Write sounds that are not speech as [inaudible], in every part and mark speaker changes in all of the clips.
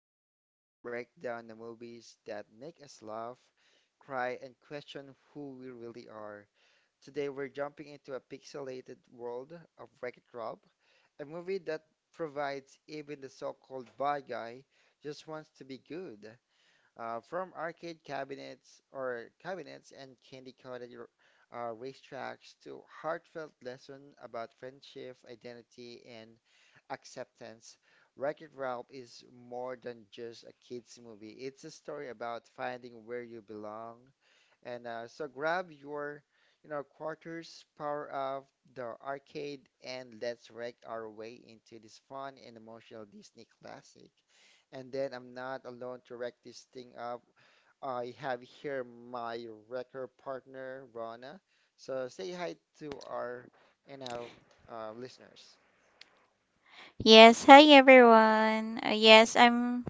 Speaker 1: podcast where we break down the movies that make us laugh, cry, and question who we really are. Today we're jumping into a pixelated world of Wreck-It Ralph, a movie that provides even the so-called bad guy just wants to be good. From arcade cabinets or cabinets and candy-coated racetracks to heartfelt lesson about friendship, identity, and acceptance, Wreck-It Ralph is more than just a kids movie. It's a story about finding where you belong. And so grab your quarters, power up the arcade, and let's wreck our way into this fun and emotional Disney classic. And then I'm not alone to wreck this thing up. I have here my wrecker partner, Rona. So say hi to our, you know, listeners.
Speaker 2: Yes, hi everyone. Yes,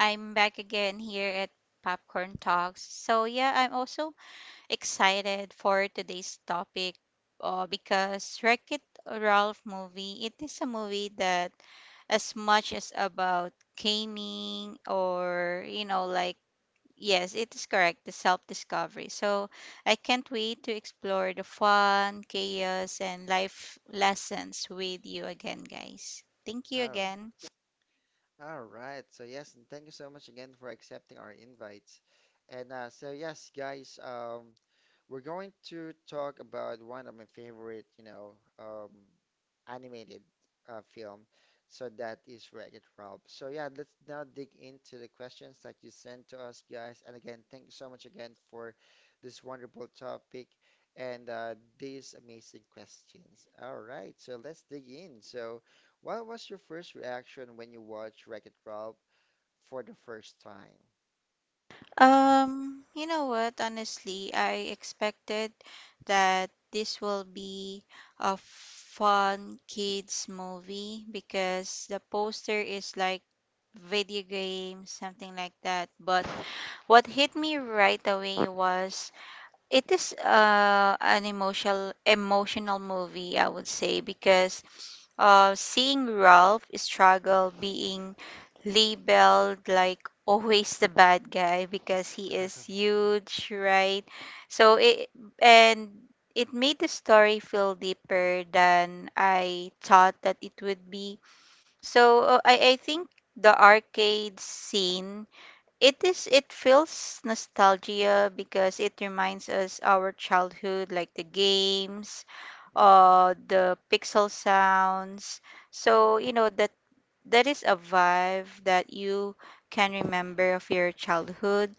Speaker 2: I'm back again here at Popcorn Talks. So yeah, I'm also excited for today's topic because Wreck-It Ralph movie, it is a movie that as much as about gaming or you know like yes, it is correct, the self-discovery. So I can't wait to explore the fun, chaos, and life lessons with you again, guys. Thank you
Speaker 1: All
Speaker 2: again.
Speaker 1: All right. So yes, and thank you so much again for accepting our invites. And so yes, guys. We're going to talk about one of my favorite, um, animated film. So that is Wreck-It Ralph. So yeah, let's now dig into the questions that you sent to us, guys. And again, thank you so much again for this wonderful topic and these amazing questions. All right, so let's dig in. So, what was your first reaction when you watched Wreck-It Ralph for the first time?
Speaker 2: You know what? Honestly, I expected that this will be a fun kids movie because the poster is like video game, something like that. But what hit me right away was it is an emotional movie, I would say, because seeing Ralph struggle being labeled like [laughs] always the bad guy because he is
Speaker 1: [laughs]
Speaker 2: huge, right? So it and it made the story feel deeper than I thought that it would be. So I think the arcade scene it feels nostalgia because it reminds us our childhood like the games,
Speaker 1: Mm,
Speaker 2: the pixel sounds. So, you know that that is a vibe that you can remember of your childhood.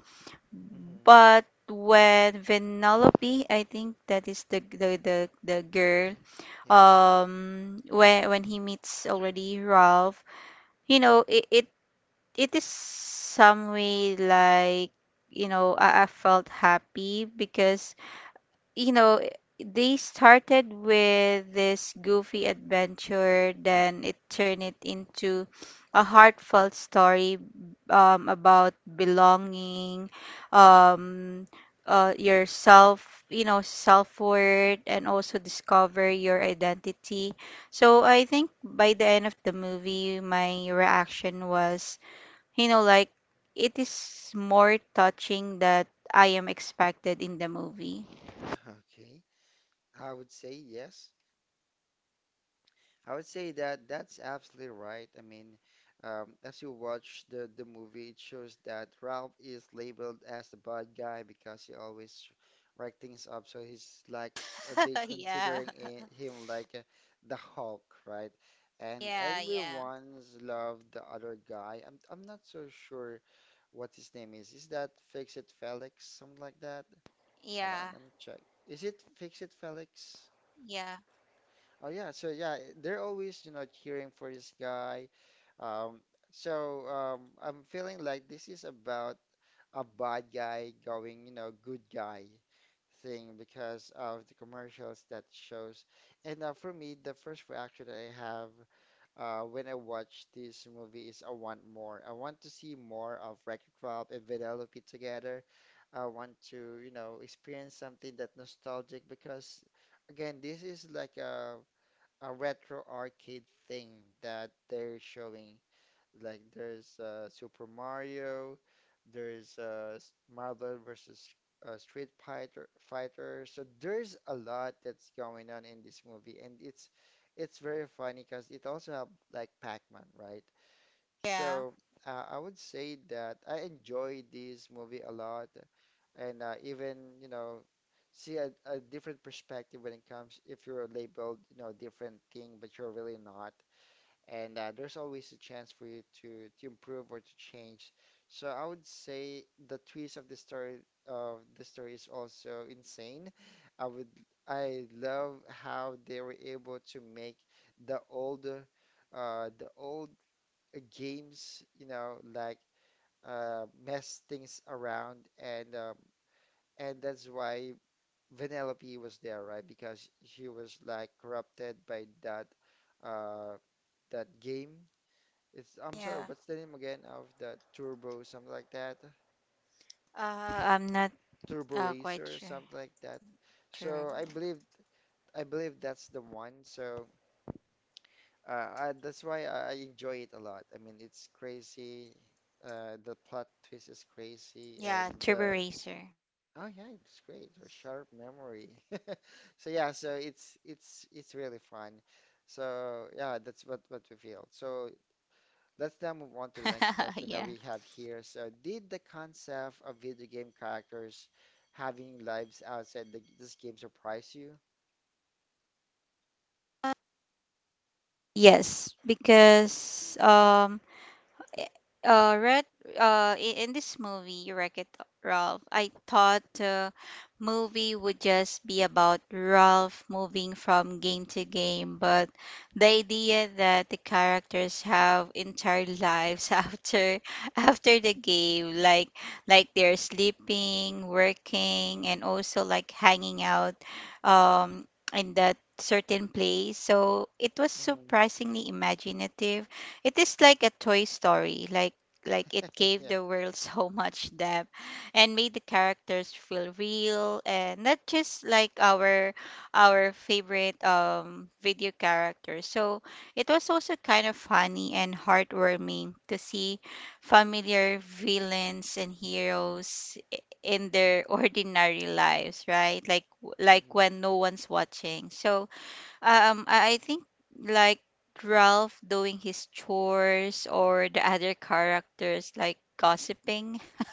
Speaker 1: mhm.
Speaker 2: But when Vanellope, I think that is the girl.
Speaker 1: Yes.
Speaker 2: When he meets already Ralph, you know, it it is some way like you know I felt happy because you know they started with this goofy adventure, then it turned it into a heartfelt story, about belonging,
Speaker 1: Mhm.
Speaker 2: um, your self you know self-worth, and also discover your identity. So I think by the end of the movie my reaction was, you know, like it is more touching that I am expected in the movie.
Speaker 1: [laughs] Okay. I would say yes. I would say that that's absolutely right. I mean, as you watch the movie, it shows that Ralph is labeled as the bad guy because he always wreck things up. So he's like they
Speaker 2: [laughs] Yeah.
Speaker 1: considering him like the Hulk, right? And
Speaker 2: Yeah, yeah.
Speaker 1: everyone's loved the other guy. I'm not so sure what his name is. Is that Fix It Felix, something like that? Hold on,
Speaker 2: Yeah,
Speaker 1: let me check. Is it Fix It Felix?
Speaker 2: yeah,
Speaker 1: Oh yeah, so yeah, they're always cheering for this guy. Um, so I'm feeling like this is about a bad guy going good guy thing because of the commercials that shows. And for me, the first reaction that I have when I watch this movie is I want more. I want to see more of Wreck-It Ralph and Vanellope together. I want to experience something that nostalgic because, again, this is like a retro arcade thing that they're showing. Like there's Super Mario, there's Marvel versus Street Fighter. So there's a lot that's going on in this movie, and it's very funny because it also have like Pac-Man, right? So
Speaker 2: yeah,
Speaker 1: I would say that I enjoy this movie a lot, and even see a different perspective when it comes if you're labeled different thing, but you're really not. And there's always a chance for you to improve or to change. So I would say the twist of the story is also insane. I would I love how they were able to make the old games, mess things around, and that's why Vanellope was there, right? Because she was like corrupted by uh, that game. It's I'm sorry, what's the
Speaker 2: yeah.
Speaker 1: name again of the Turbo, something like that,
Speaker 2: I'm not
Speaker 1: Turbo Racer,
Speaker 2: quite
Speaker 1: something like
Speaker 2: sure.
Speaker 1: that. So I
Speaker 2: Tur-
Speaker 1: believe I believe that's the one. So that's why I enjoy it a lot. I mean, it's crazy. The plot twist is crazy,
Speaker 2: yeah,
Speaker 1: and
Speaker 2: Turbo
Speaker 1: the
Speaker 2: Racer.
Speaker 1: Oh yeah, it's great. Your sharp memory. [laughs] So yeah, so it's really fun. So yeah, that's what we feel. So let's now move on to the
Speaker 2: [laughs]
Speaker 1: next
Speaker 2: Yeah.
Speaker 1: question that we have here. So did the concept of video game characters having lives outside this game surprise you?
Speaker 2: Yes, because Eh, uh Red in this movie Wreck-It Ralph I thought the movie would just be about Ralph moving from game to game, but the idea that the characters have entire lives [laughs] after the game, like they're sleeping, working, and also like hanging out um in that certain place. So it was
Speaker 1: Hmm.
Speaker 2: surprisingly imaginative. It is like a Toy Story, like it
Speaker 1: [laughs]
Speaker 2: gave
Speaker 1: Yeah.
Speaker 2: the world [laughs] so much depth and made the characters feel real and not just like our favorite video characters. So it was also kind of funny and heartwarming to see familiar villains and heroes in their [laughs] ordinary lives, right? Like
Speaker 1: Hmm.
Speaker 2: when no one's watching. So I think like Ralph doing his chores or the other characters like gossiping. [laughs]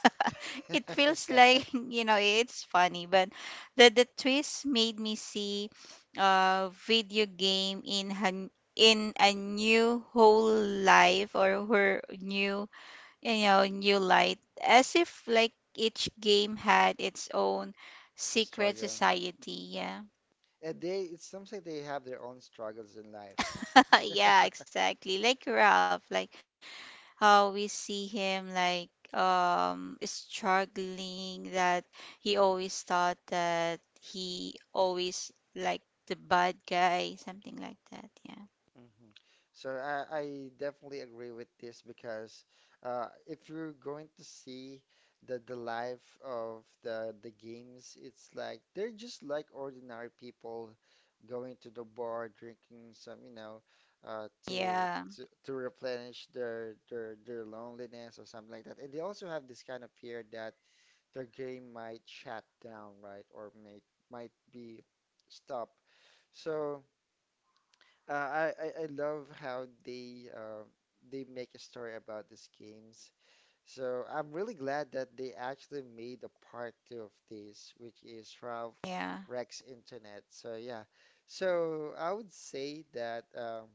Speaker 2: It
Speaker 1: [laughs]
Speaker 2: feels
Speaker 1: Yeah.
Speaker 2: like, [laughs] you know, it's funny, but the twist made me see a video game in a new whole life or her new, you know, new light, as if like each game had its own secret
Speaker 1: Struggle.
Speaker 2: society. Yeah.
Speaker 1: And it seems like they have their own struggles in life,
Speaker 2: [laughs]
Speaker 1: [laughs] right?
Speaker 2: Yeah, exactly. Like Ralph, like how we see him like struggling that he always thought that he always like the bad guy, something like that. Yeah.
Speaker 1: Hmm. So I definitely agree with this because if you're going to see the life of the games, it's like they're just like ordinary people going to the bar, drinking some, uh, to
Speaker 2: Yeah.
Speaker 1: to replenish their loneliness or something like that. And they also have this kind of fear that their game might shut down, right, or may might be stopped. So. I love how they make a story about these games. So I'm really glad that they actually made a part two of this, which is Ralph Rex Internet. So yeah, so I would say that um,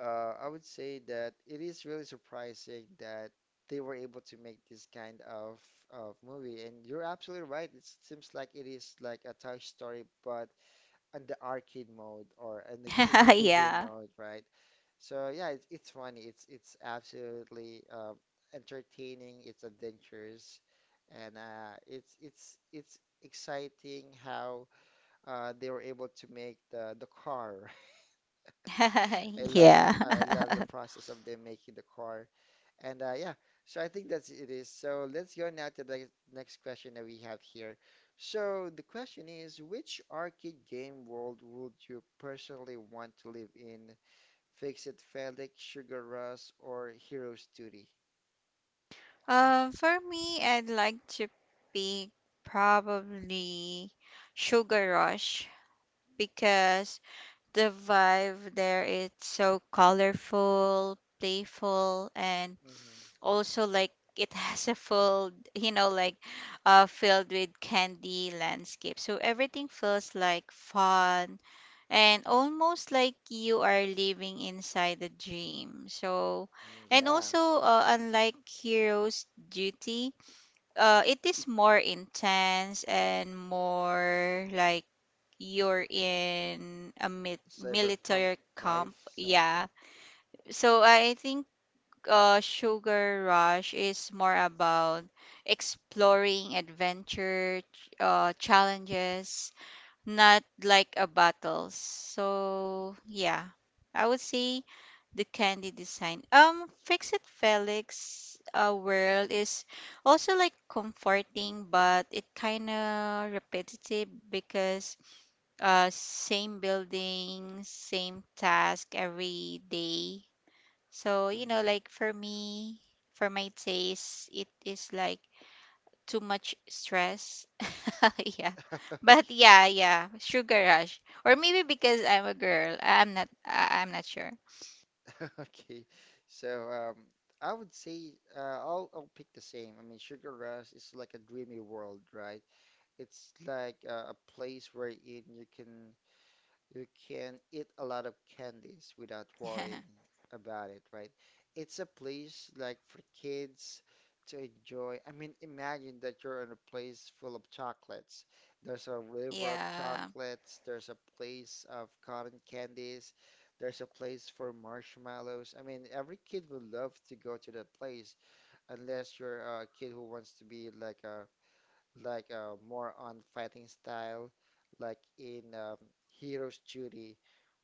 Speaker 1: uh, I would say that it is really surprising that they were able to make this kind of movie. And you're absolutely right. It seems like it is like a Toy Story, but and the arcade mode or
Speaker 2: Yeah. [laughs]
Speaker 1: video game
Speaker 2: Yeah.
Speaker 1: mode, right? So yeah, it's funny. It's absolutely entertaining. It's adventurous, and it's exciting how they were able to make the car. [laughs] I
Speaker 2: [laughs]
Speaker 1: loved
Speaker 2: Yeah.
Speaker 1: I love the
Speaker 2: [laughs]
Speaker 1: process of them making the car. And yeah, so I think that's it is. So let's go now to the next question that we have here. So the question is, which arcade game world would you personally want to live in? Fix It Felix, Sugar Rush, or Heroes Duty?
Speaker 2: For me, I'd like to pick probably Sugar Rush because the vibe there is so colorful, playful, and
Speaker 1: Hmm.
Speaker 2: also like it [laughs] has a full, you know, like filled with candy landscape. So everything feels like fun and almost like you are living inside a dream. So, and
Speaker 1: Yeah,
Speaker 2: also, unlike Hero's Duty, it is more intense and more like you're in a
Speaker 1: Cyberpunk
Speaker 2: military camp.
Speaker 1: Life something.
Speaker 2: Yeah. So I think Sugar Rush is more about exploring adventure challenges, not like a battles. So yeah, I would say the candy design. Fix It Felix world is also like comforting, but it kind of repetitive because same building, same task every day. So, you know,
Speaker 1: Mm-hmm.
Speaker 2: like for me, for my taste, it is like too much stress. [laughs] Yeah.
Speaker 1: [laughs]
Speaker 2: But
Speaker 1: Okay,
Speaker 2: yeah, yeah, sugar rush. Or maybe because I'm a girl. I'm not sure.
Speaker 1: [laughs] okay. So I would say I'll pick the same. I mean, Sugar Rush is like a dreamy world, right? It's like a place where in you can eat a lot of candies without worrying
Speaker 2: [laughs]
Speaker 1: about it, right? It's a place like for kids to enjoy. I mean, imagine that you're in a place full of chocolates. There's a river of
Speaker 2: Yeah.
Speaker 1: chocolates. There's a place of cotton candies. There's a place for marshmallows. I mean, every kid would love to go to that place unless you're a kid who wants to be like a like more on fighting style, like in Heroes Duty,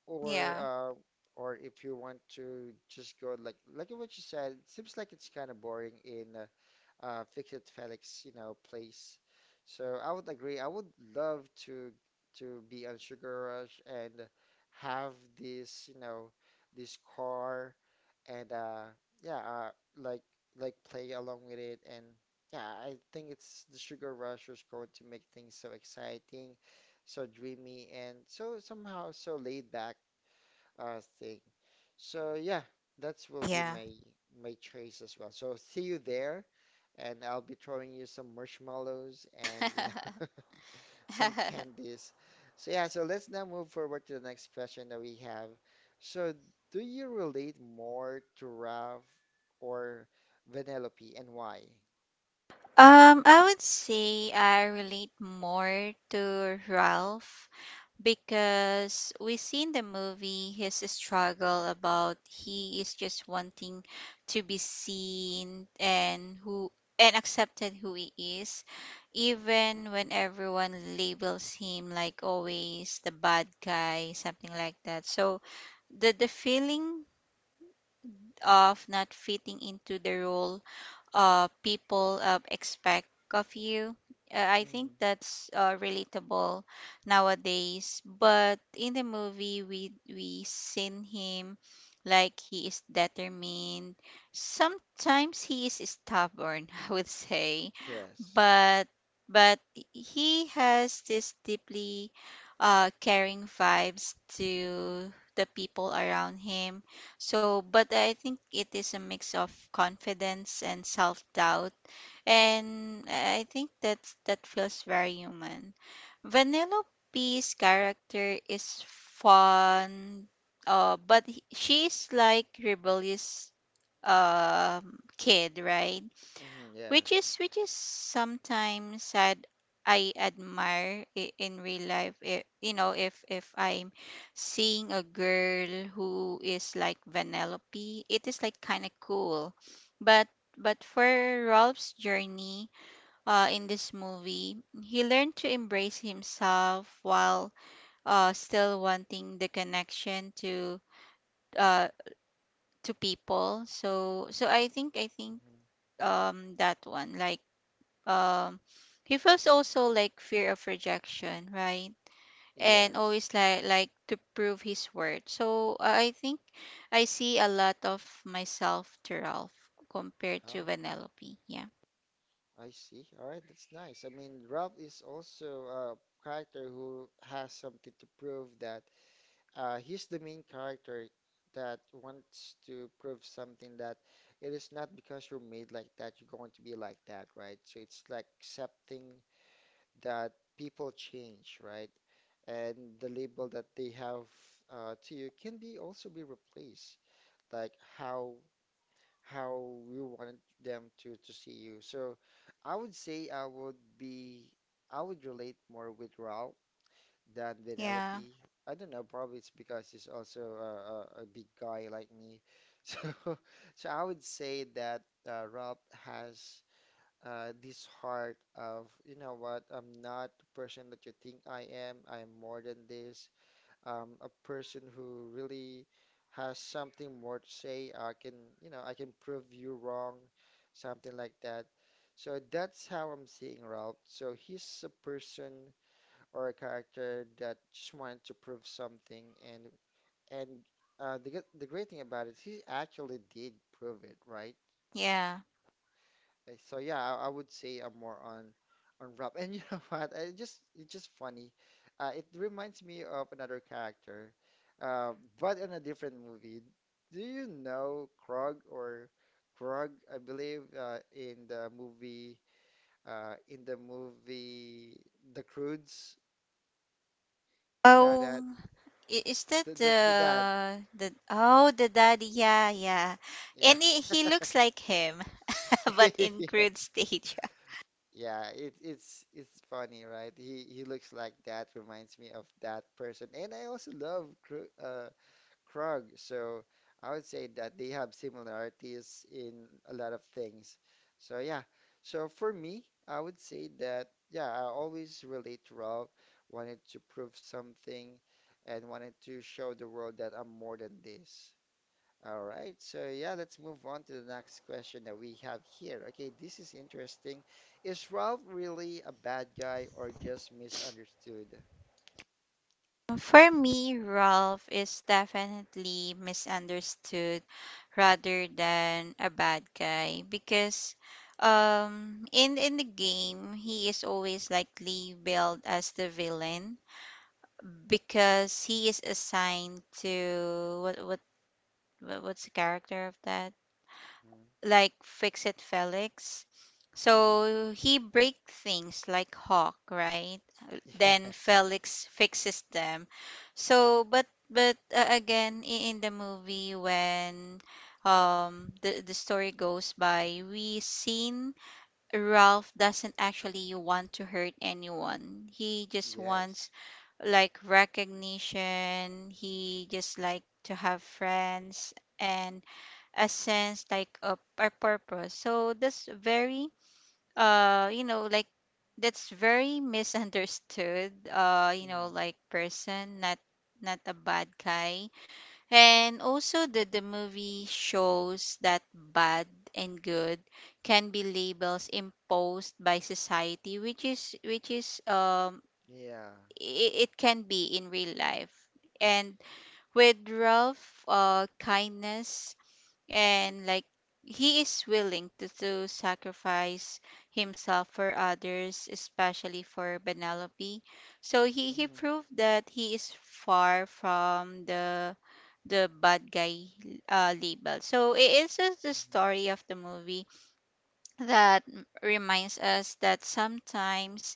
Speaker 1: or
Speaker 2: Yeah.
Speaker 1: uh, or if you want to just go like what you said, seems like it's kind of boring in Fixit Felix place. So I would agree. I would love to be on Sugar Rush and have this, you know, this car and yeah uh like like play along with it. And yeah, I think it's the sugar rush is going to make things so exciting, so dreamy, and so somehow so laid back thing. So yeah, that's will be
Speaker 2: Yeah.
Speaker 1: my choice as well. So see you there, and I'll be throwing you some marshmallows and [laughs] some
Speaker 2: [laughs]
Speaker 1: candies. So yeah, so let's now move forward to the next question that we have. So do you relate more to Ralph or Vanellope and why?
Speaker 2: I would say I relate more to Ralph because we see in the movie his struggle about he is just wanting to be seen and accepted who he is even when everyone labels him like always the bad guy, something like that. So the feeling of not fitting into the role people expect of you. I think
Speaker 1: Hmm.
Speaker 2: that's relatable nowadays. But in the movie, we seen him like he is determined. Sometimes he is stubborn, [laughs] I would say,
Speaker 1: Yes.
Speaker 2: but but he has this deeply caring vibes to the people around him. So but I think it is a mix of confidence and self-doubt, and I think that's that feels very human. Vanellope's character is fun, but she's like rebellious kid, right?
Speaker 1: Hmm.
Speaker 2: which
Speaker 1: Yes.
Speaker 2: is which is sometimes sad. I admire in real life. You know, if I'm seeing a girl who is like Vanellope, it is like kind of cool. But for Rolf's journey in this movie, he learned to embrace himself while still wanting the connection uh, to people. So so I think
Speaker 1: Hmm.
Speaker 2: that one like um he feels also like fear of rejection, right? And
Speaker 1: Yes.
Speaker 2: always like to prove his worth. So I think I see a lot of myself to Ralph compared to
Speaker 1: Oh,
Speaker 2: Vanellope. Yeah.
Speaker 1: I see. All right, that's nice. I mean, Ralph is also a character who has something to prove that he's the main character that wants to prove something that it is not because you're made like that, you're going to be like that, right? So it's like accepting that people change, right? And the label that they have to you can be also be replaced, like how how you wanted them to see you. So I would say I would be I would relate more with Ralph than
Speaker 2: Yeah.
Speaker 1: Penelope. I don't know, probably it's because he's also a big guy like me. [laughs] So, I would say that Rob has this heart of, you know what, I'm not the person that you think I am. I am more than this. I'm a person who really has something more to say. I can prove you wrong, something like that. So that's how I'm seeing Rob. So he's a person or a character that just wanted to prove something and and the great thing about it, he actually did prove it, right?
Speaker 2: Yeah.
Speaker 1: So yeah, I would say I'm more on Rob. And you know [laughs] what? It's just funny. It reminds me of another character, uh, but in a different movie. Do you know Krog or Krog? I believe in the movie The Croods. You know that
Speaker 2: Oh, is that
Speaker 1: the dad.
Speaker 2: the oh the daddy? Yeah, yeah.
Speaker 1: Yeah.
Speaker 2: And he looks
Speaker 1: [laughs]
Speaker 2: like him, [laughs] but in
Speaker 1: Yeah.
Speaker 2: crude stage.
Speaker 1: Yeah, it's funny, right? He looks like that, reminds me of that person. And I also love Kr Krug, so I would say that they have similarities in a lot of things. So yeah, so for me, I would say that yeah, I always relate to Ralph, wanted to prove something and wanted to show the world that I'm more than this. All right, so yeah, let's move on to the next question that we have here. Okay, this is interesting. Is Ralph really a bad guy or just misunderstood?
Speaker 2: For me, Rolf is definitely misunderstood rather than a bad guy because in the game he is always likely billed as the villain because he is assigned to what's the character of that, like Fix It Felix.
Speaker 1: Mm-hmm.
Speaker 2: So he break things like Hawk, right?
Speaker 1: [laughs]
Speaker 2: Then
Speaker 1: Yes,
Speaker 2: Felix fixes them. So, but again, in the movie when the story goes by, we seen Ralph doesn't actually want to hurt anyone. He just wants
Speaker 1: yes,
Speaker 2: like recognition. He just like to have friends and a sense like a purpose. So that's very you know like that's very [laughs] misunderstood you know
Speaker 1: hmm
Speaker 2: like person, not not a bad guy. And also the movie shows that bad and good can be labels imposed by society, which is
Speaker 1: yeah.
Speaker 2: it, it can be in real life. And with Ralph kindness and like he is willing to sacrifice himself for others, especially for Penelope. So he
Speaker 1: hmm
Speaker 2: proved that he is far from the bad guy label. So it is just the
Speaker 1: hmm
Speaker 2: story of the movie that reminds us that sometimes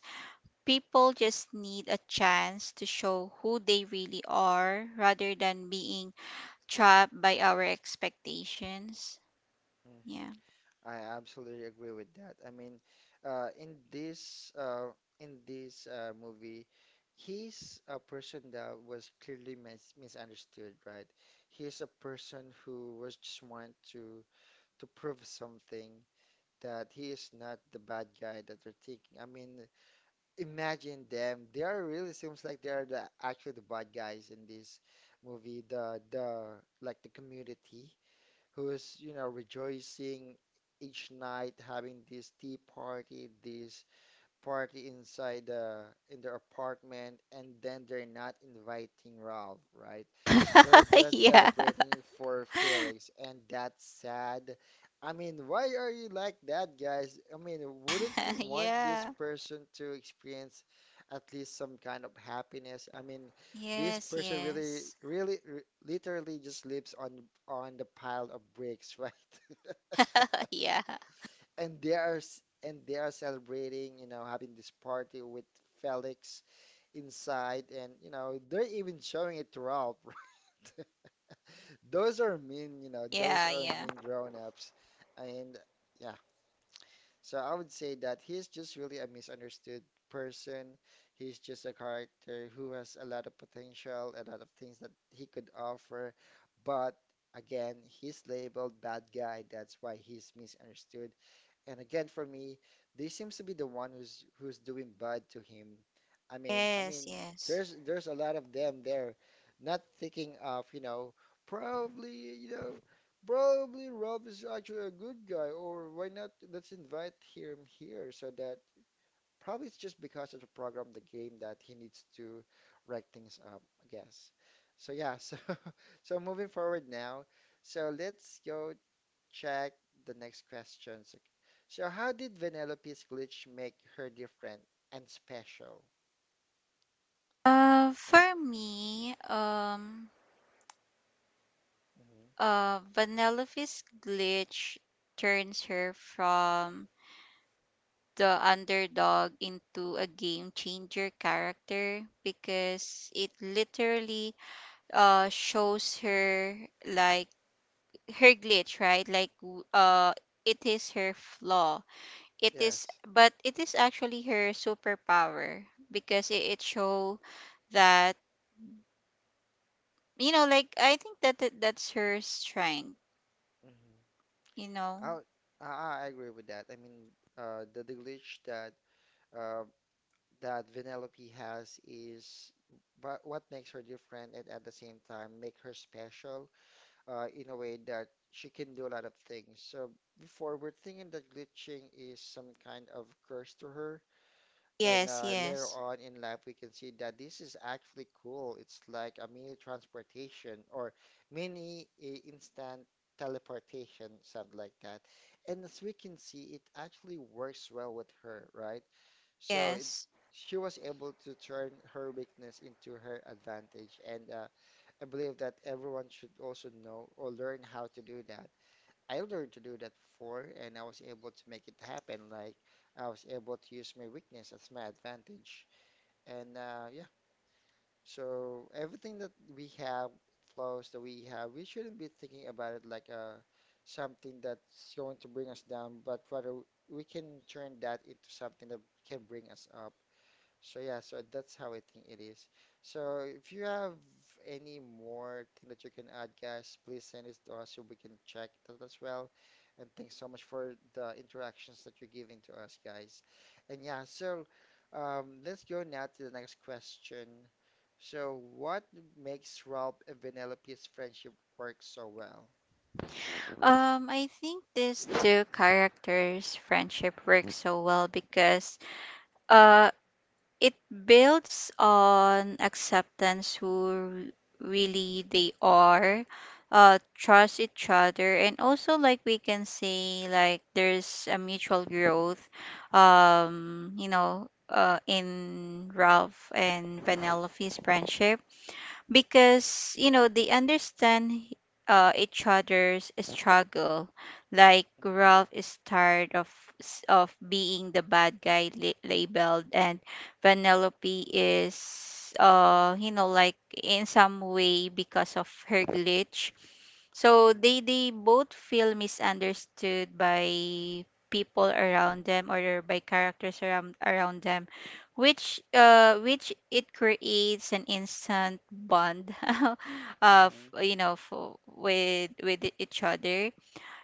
Speaker 2: people just need a chance to show who they really are rather than being trapped by our expectations.
Speaker 1: hmm
Speaker 2: Yeah.
Speaker 1: I absolutely agree with that. I mean, uh, in this uh, in this movie, he's a person that was clearly misunderstood, right? He's a person who was just want to prove something, that he is not the bad guy that they're thinking. I mean, imagine them. They are really seems like they are the actually the bad guys in this movie. The like the community who is, you know, rejoicing each night, having this tea party, this party inside the in their apartment, and then they're not inviting Ralph, right? They're
Speaker 2: [laughs]
Speaker 1: just
Speaker 2: Yeah.
Speaker 1: celebrating for Felix, and that's sad. I mean, why are you like that, guys? I mean, wouldn't
Speaker 2: [laughs]
Speaker 1: you want this
Speaker 2: Yeah.
Speaker 1: person to experience at least some kind of happiness? I mean, this
Speaker 2: Yes,
Speaker 1: person really,
Speaker 2: yes.
Speaker 1: really, r literally just lives on the pile of bricks, [laughs] right?
Speaker 2: [laughs] Yeah.
Speaker 1: And and they are celebrating, you know, having this party with Felix inside, and you know, they're even showing it to Ralph, [laughs] those are mean, you know,
Speaker 2: Yeah,
Speaker 1: those
Speaker 2: yeah.
Speaker 1: are mean grown-ups. And yeah, so I would say that he's just really a misunderstood person. He's just a character who has a lot of potential, a lot of things that he could offer. But again, he's labeled bad guy. That's why he's misunderstood. And again, for me, this seems to be the one who's doing bad to him. I
Speaker 2: Yes,
Speaker 1: mean,
Speaker 2: yes.
Speaker 1: there's a lot of them there, not thinking of, you know, probably Rob is actually a good guy, or why not? Let's invite him here so that probably it's just because of the program, the game that he needs to wreck things up, I guess. So yeah, so [laughs] so moving forward now. So let's go check the next questions. Okay. So, how did Vanellope's glitch make her different and special?
Speaker 2: For me,
Speaker 1: hmm
Speaker 2: Vanellope's glitch turns her from the underdog into a game changer character because it literally shows her like her glitch, right? It is her flaw, it is,
Speaker 1: Yes.
Speaker 2: but it is actually her superpower because it show that you know like I think that that's her strength,
Speaker 1: hmm
Speaker 2: you know.
Speaker 1: I, I agree with that. I mean, the glitch that uh, that Vanellope has is but what makes her different and at the same time make her special, in a way that she can do a lot of things. So before we're thinking that glitching is some kind of curse to her. And
Speaker 2: Yes,
Speaker 1: later
Speaker 2: yes,
Speaker 1: on in life, we can see that this is actually cool. It's like a mini transportation or mini instant teleportation, something like that. And as we can see, it actually works well with her, right? So it,
Speaker 2: yes.
Speaker 1: she was able to turn her weakness into her advantage. And I believe that everyone should also know or learn how to do that. I learned to do that before, and I was able to make it happen. Like I was able to use my weakness as my advantage. And yeah, so everything that we have, flaws that we have, we shouldn't be thinking about it like something that's going to bring us down, but rather we can turn that into something that can bring us up. So yeah, so that's how I think it is. So if you have any more thing that you can add, guys, please send it to us so we can check that as well. And thanks so much for the interactions that you're giving to us, guys. And yeah, so let's go now to the next question. So what makes Ralph and Penelope's friendship work so well?
Speaker 2: I think these two characters friendship works so well because uh it builds on acceptance who really they are, trust each other, and also like we can say like there's a mutual growth, you know, in Ralph and Penelope's friendship because you know they understand each other's struggle. Like
Speaker 1: Mm-hmm.
Speaker 2: Ralph is tired of of being the bad guy labeled, and Penelope is you know like in some way because of her glitch. So they both feel misunderstood by people around them or by characters around them, which it creates an instant bond [laughs] of
Speaker 1: Mm-hmm.
Speaker 2: you know for, with each other.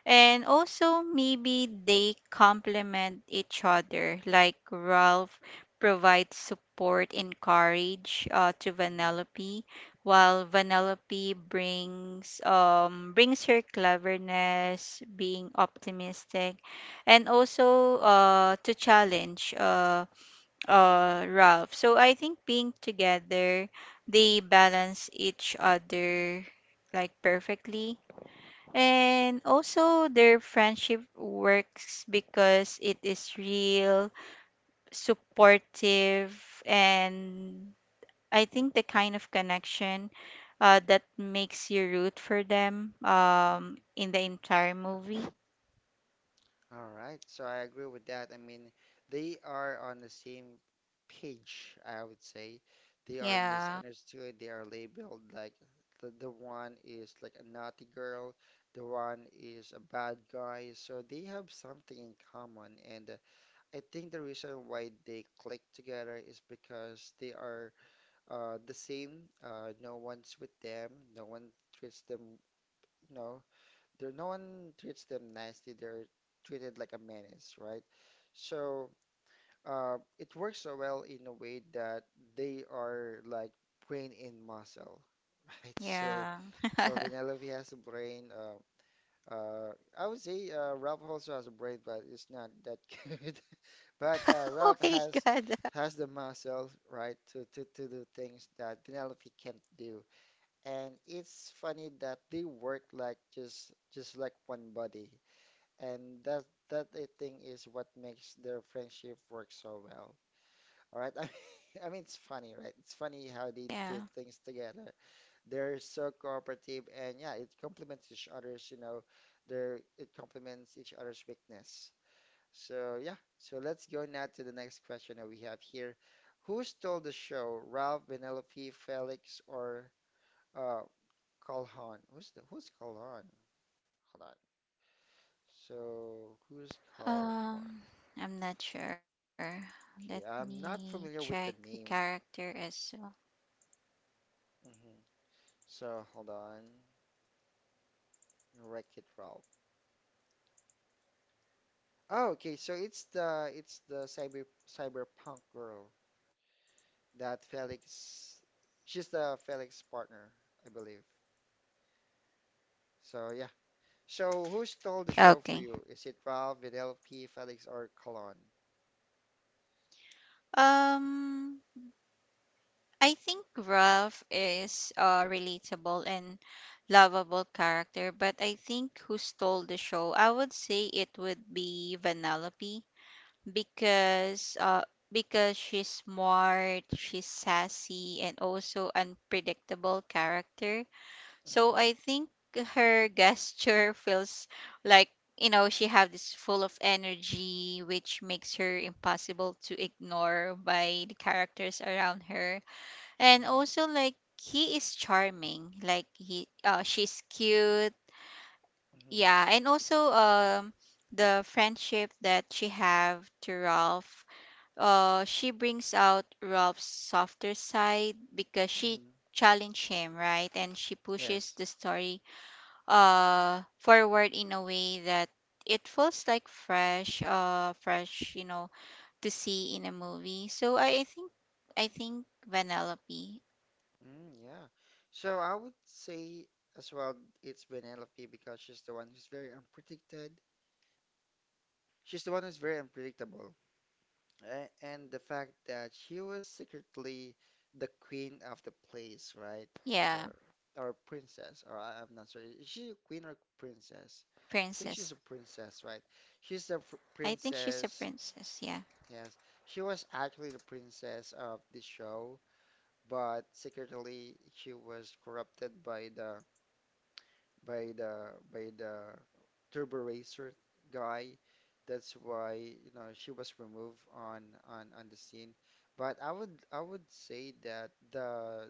Speaker 2: And also maybe they complement each other, like Ralph provides support and courage to
Speaker 1: Mm-hmm.
Speaker 2: Vanellope, while Vanellope brings brings her cleverness, being optimistic, and also to challenge Ralph. So I think being together, they balance each other like perfectly. And also their friendship works because it is real, supportive, and I think the kind of connection that makes you root for them
Speaker 1: Mm-hmm.
Speaker 2: in the entire movie.
Speaker 1: All right, so I agree with that. I mean, they are on the same page, I would say. They are
Speaker 2: Yeah,
Speaker 1: misunderstood, they are labeled like the one is like a naughty girl, the one is a bad guy. So they have something in common, and I think the reason why they click together is because they are the same. No one's with them, no one treats them. No, there no one treats them nicely. They're treated like a menace, right? So it works so well in a way that they are like brain in muscle, [laughs] right? So
Speaker 2: yeah.
Speaker 1: so
Speaker 2: [laughs]
Speaker 1: Vanellope has a brain. Uh, I would say Ralph also has a brain, but it's not that [laughs] good. But
Speaker 2: Oh
Speaker 1: Ralph
Speaker 2: my God. [laughs]
Speaker 1: has the muscle, right, to do things that Vanellope can't do, and it's funny that they work like just like one body, and that I think is what makes their friendship work so well. All right. [laughs] I mean it's funny, right? It's funny how they do
Speaker 2: Yeah.
Speaker 1: things together. They're so cooperative and yeah, it complements each you know, their it complements each other's weakness. So yeah. So let's go now to the next question that we have here. Who stole the show? Ralph, Penelope, Felix, or uh Calhoun? Who's Calhoun? Hold on. So who's
Speaker 2: Um, I'm
Speaker 1: Calhoun?
Speaker 2: not sure. Let me
Speaker 1: Okay,
Speaker 2: check
Speaker 1: I'm
Speaker 2: the
Speaker 1: not familiar with the
Speaker 2: character
Speaker 1: name.
Speaker 2: as well.
Speaker 1: hmm So hold on, Wreck-It Ralph. Oh, okay. So it's the cyber cyberpunk girl that Felix. She's the Felix partner, I believe. So yeah. So who stole the show for
Speaker 2: Okay.
Speaker 1: you? Is it Ralph, Videlpi, Felix, or Colon?
Speaker 2: Um, I think Ralph is a relatable and lovable character, but I think who stole the show? I would say it would be Vanellope because uh because she's smart, she's sassy, and also unpredictable character. So
Speaker 1: hmm
Speaker 2: I think her gesture feels like she have this full of energy which makes her impossible to ignore by the characters around her, and
Speaker 1: hmm
Speaker 2: also like he is charming, like he she's cute.
Speaker 1: hmm
Speaker 2: Yeah, and also the friendship that she have to Ralph, she brings out Ralph's softer side because she
Speaker 1: hmm
Speaker 2: challenge him, right, and she pushes
Speaker 1: Yes.
Speaker 2: the story forward in a way that it feels like fresh, to see in a movie. So I think I think Vanellope.
Speaker 1: Mm, yeah. So I would say as well, it's Penelope because she's the one who's very unpredicted. She's the one who's very unpredictable. And the fact that she was secretly the queen of the place, right?
Speaker 2: Yeah,
Speaker 1: Uh, or princess, or I'm not sure. Is she a queen or
Speaker 2: princess.
Speaker 1: princess? I think she's a princess, right?
Speaker 2: I think she's a
Speaker 1: She's the
Speaker 2: princess. Yeah,
Speaker 1: princess. Yes, she was actually the princess of the show, but secretly she was corrupted by the by the by the turbo racer guy. That's why, you know, she was removed on on the scene. But I would say that the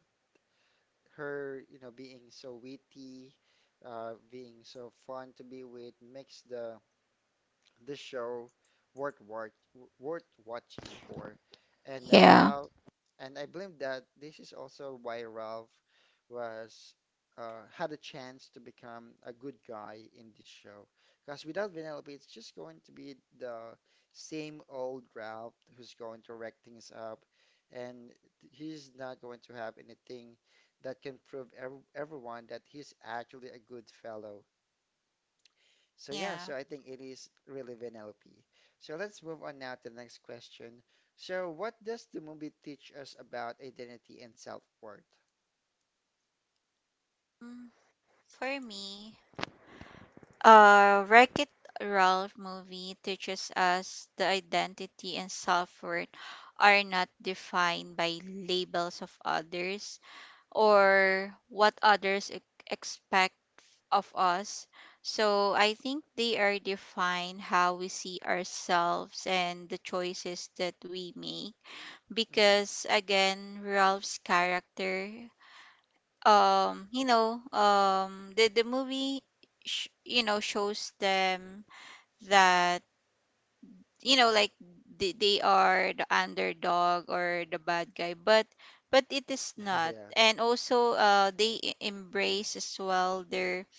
Speaker 1: her, you know, being so witty, being so fun to be with makes the show worth watch, worth watching for. And
Speaker 2: yeah,
Speaker 1: Ralph, and I believe that this is also why Ralph was had a chance to become a good guy in this show. Because without Vanellope, it's just going to be the same old Ralph who's going to wreck things up, and he's not going to have anything that can prove ev everyone that he's actually a good fellow. So yeah,
Speaker 2: yeah.
Speaker 1: so I think it is really NLP. So let's move on now to the next question. So what does the movie teach us about identity and self-worth?
Speaker 2: Mm, for me, wreck it ralph movie teaches us the identity and self-worth are not defined by labels of others or what others expect of us. So I think they are define how we see ourselves and the choices that we make.
Speaker 1: hmm
Speaker 2: Because again, Ralph's character, the movie you know, shows them that, you know, like they are the underdog or the bad guy, but it is
Speaker 1: [laughs]
Speaker 2: not.
Speaker 1: Yeah.
Speaker 2: And also they embrace as well their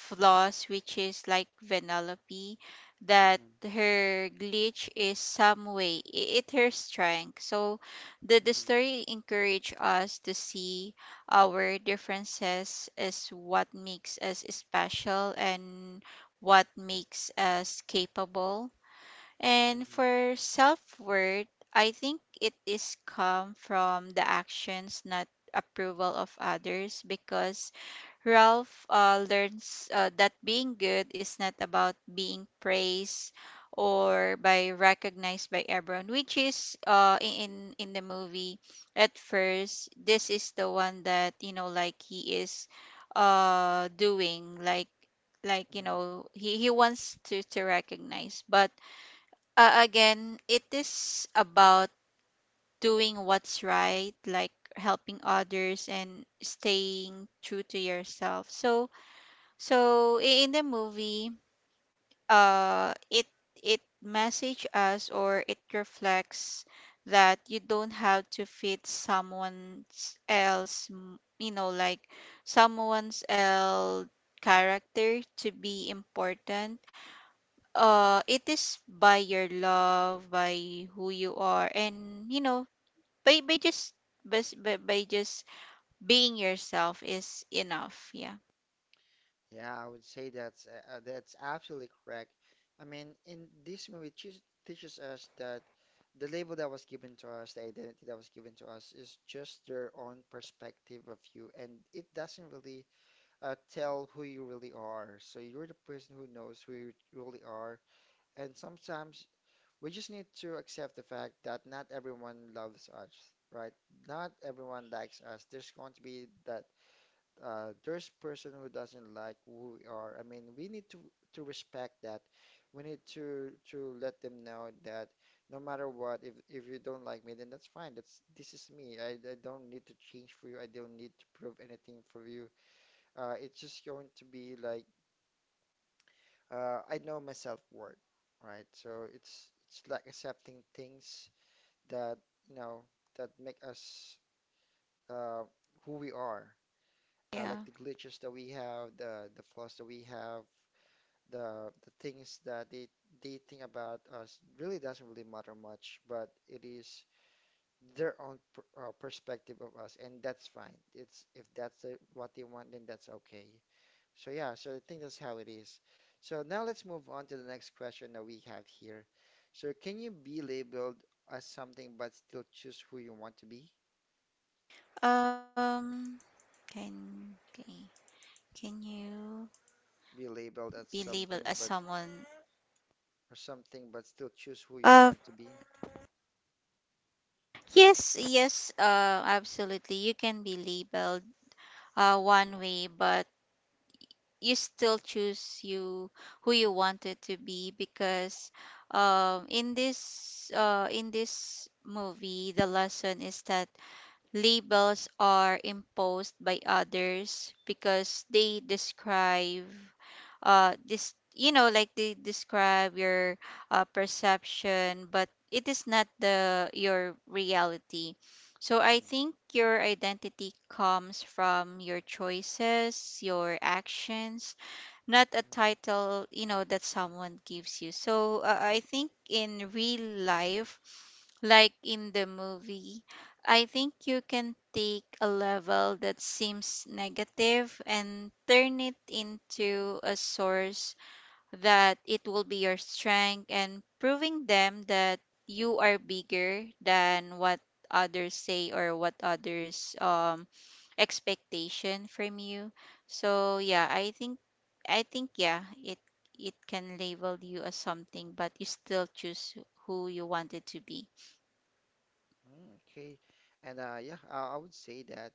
Speaker 2: flaws, which is like Vanellope, that
Speaker 1: Mm-hmm.
Speaker 2: her glitch is some way it her strength. So the
Speaker 1: Mm-hmm.
Speaker 2: story encourage us to see our differences as what makes us special and what makes us capable. And
Speaker 1: Mm-hmm.
Speaker 2: for self-worth, I think it is come from the actions, not approval of others, because
Speaker 1: Mm-hmm.
Speaker 2: Ralph learns that being good is not about being praised or by recognized by everyone, which is in the movie at first. This is the one that, you know, like he is doing, like, you
Speaker 1: Mm-hmm.
Speaker 2: know, he wants to recognize, but again, it is about doing what's right, like helping others and staying true to yourself. So, so in the movie, it it message us or it reflects that you don't have to fit someone else, you know, like someone's else character to be important. It is by your love, by who you are, and you know, by by just being yourself is enough. Yeah.
Speaker 1: Yeah, I would say that's absolutely correct. I mean, in this movie it teaches us that the label that was given to us, the identity that was given to us, is just their own perspective of you, and it doesn't really tell who you really are. So you're the person who knows who you really are. And sometimes we just need to accept the fact that not everyone loves us, right? Not everyone likes us. There's going to be that there's person who doesn't like who we are. I mean, we need to respect that. We need to let them know that no matter what, if you don't like me, then that's fine. That's this is me. I don't need to change for you. I don't need to prove anything for you. It's just going to be like I know my self-worth, right? So it's like accepting things that you know that make us uh, who we are,
Speaker 2: Yeah.
Speaker 1: like the glitches that we have, the flaws that we have, the things that they think about us really doesn't really matter much, but it is their own perspective of us, and that's fine. It's if that's what they want, then that's okay. So yeah, so I think that's how it is. So now let's move on to the next question that we have here. So can you be labeled as something but still choose who you want to be?
Speaker 2: um can, okay. Can you
Speaker 1: Be
Speaker 2: be
Speaker 1: labeled as
Speaker 2: labeled as
Speaker 1: something but
Speaker 2: someone?
Speaker 1: or something but still choose who you
Speaker 2: uh
Speaker 1: want to be?
Speaker 2: yes, yes, absolutely you can be labeled one way, but you still choose you, who you wanted to be. Because in this in this movie, the lesson is that labels are imposed by others because they describe this, you know, like they describe your perception, but it is not the your reality. So I
Speaker 1: Mm,
Speaker 2: think your identity comes from your choices, your actions, not a
Speaker 1: mm,
Speaker 2: title, you know, that someone gives you. So I think in real life, like in the movie, I think you can take a level that seems negative and turn it into a source that it will be your strength, and proving them that you are bigger than what others say or what others expectation from you. So yeah, I think, I think, yeah, it can label you as something, but you still choose who you wanted to be.
Speaker 1: okay. And yeah, I would say that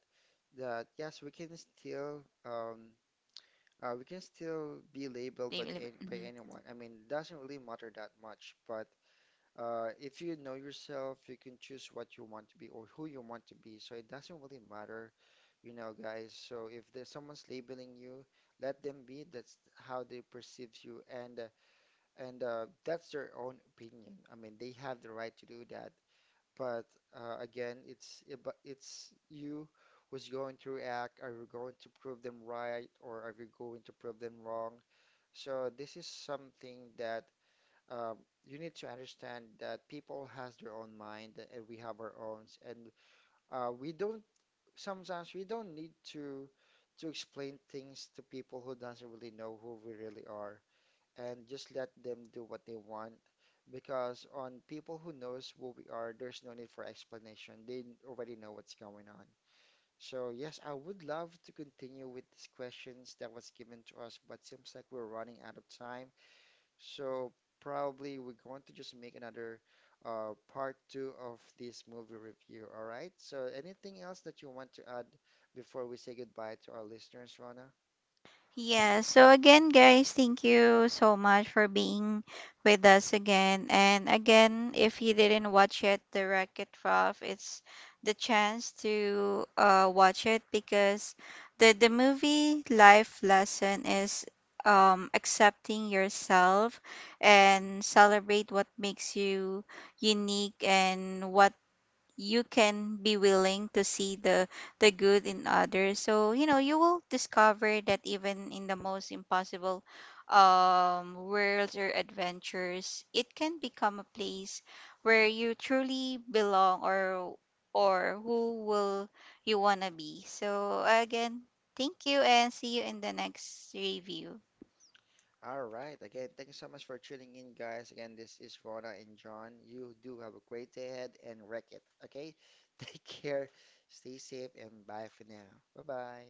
Speaker 1: that yes, we can still be labeled
Speaker 2: They
Speaker 1: by
Speaker 2: will-
Speaker 1: by
Speaker 2: mhm.
Speaker 1: anyone. I mean, it doesn't really matter that much, but uh, if you know yourself, you can choose what you want to be or who you want to be. So it doesn't really matter, you know, guys. So if there's someone's labeling you, let them be. That's how they perceive you, and that's their own opinion. I mean, they have the right to do that. But again, it's but it's you who's going to react. Are you going to prove them right, or are you going to prove them wrong? So this is something that uh, you need to understand that people has their own mind and we have our own, and we don't, sometimes we don't need to explain things to people who doesn't really know who we really are, and just let them do what they want, because on people who knows who we are, there's no need for explanation, they already know what's going on. So yes, I would love to continue with these questions that was given to us, but seems like we're running out of time. So probably we're going to just make another part two of this movie review. All right. So anything else that you want to add before we say goodbye to our listeners, Rona?
Speaker 2: Yeah, so again, guys, thank you so much for being with us again. And again, if you didn't watch it, the Racket Ralph, it's the chance to watch it, because the movie life lesson is accepting yourself
Speaker 1: Mhm.
Speaker 2: and celebrate what makes you unique, and what you can be willing to see the good in others. So you know, you will discover that even in the most impossible worlds or adventures, it can become a place where you truly belong, or who will you want to be. So again, thank you and see you in the next review.
Speaker 1: All right. Again, thank you so much for tuning in, guys. Again, this is Rona and John. You do have a great day ahead and wreck it. Okay. [laughs] Take care. Stay safe and bye for now. Bye bye.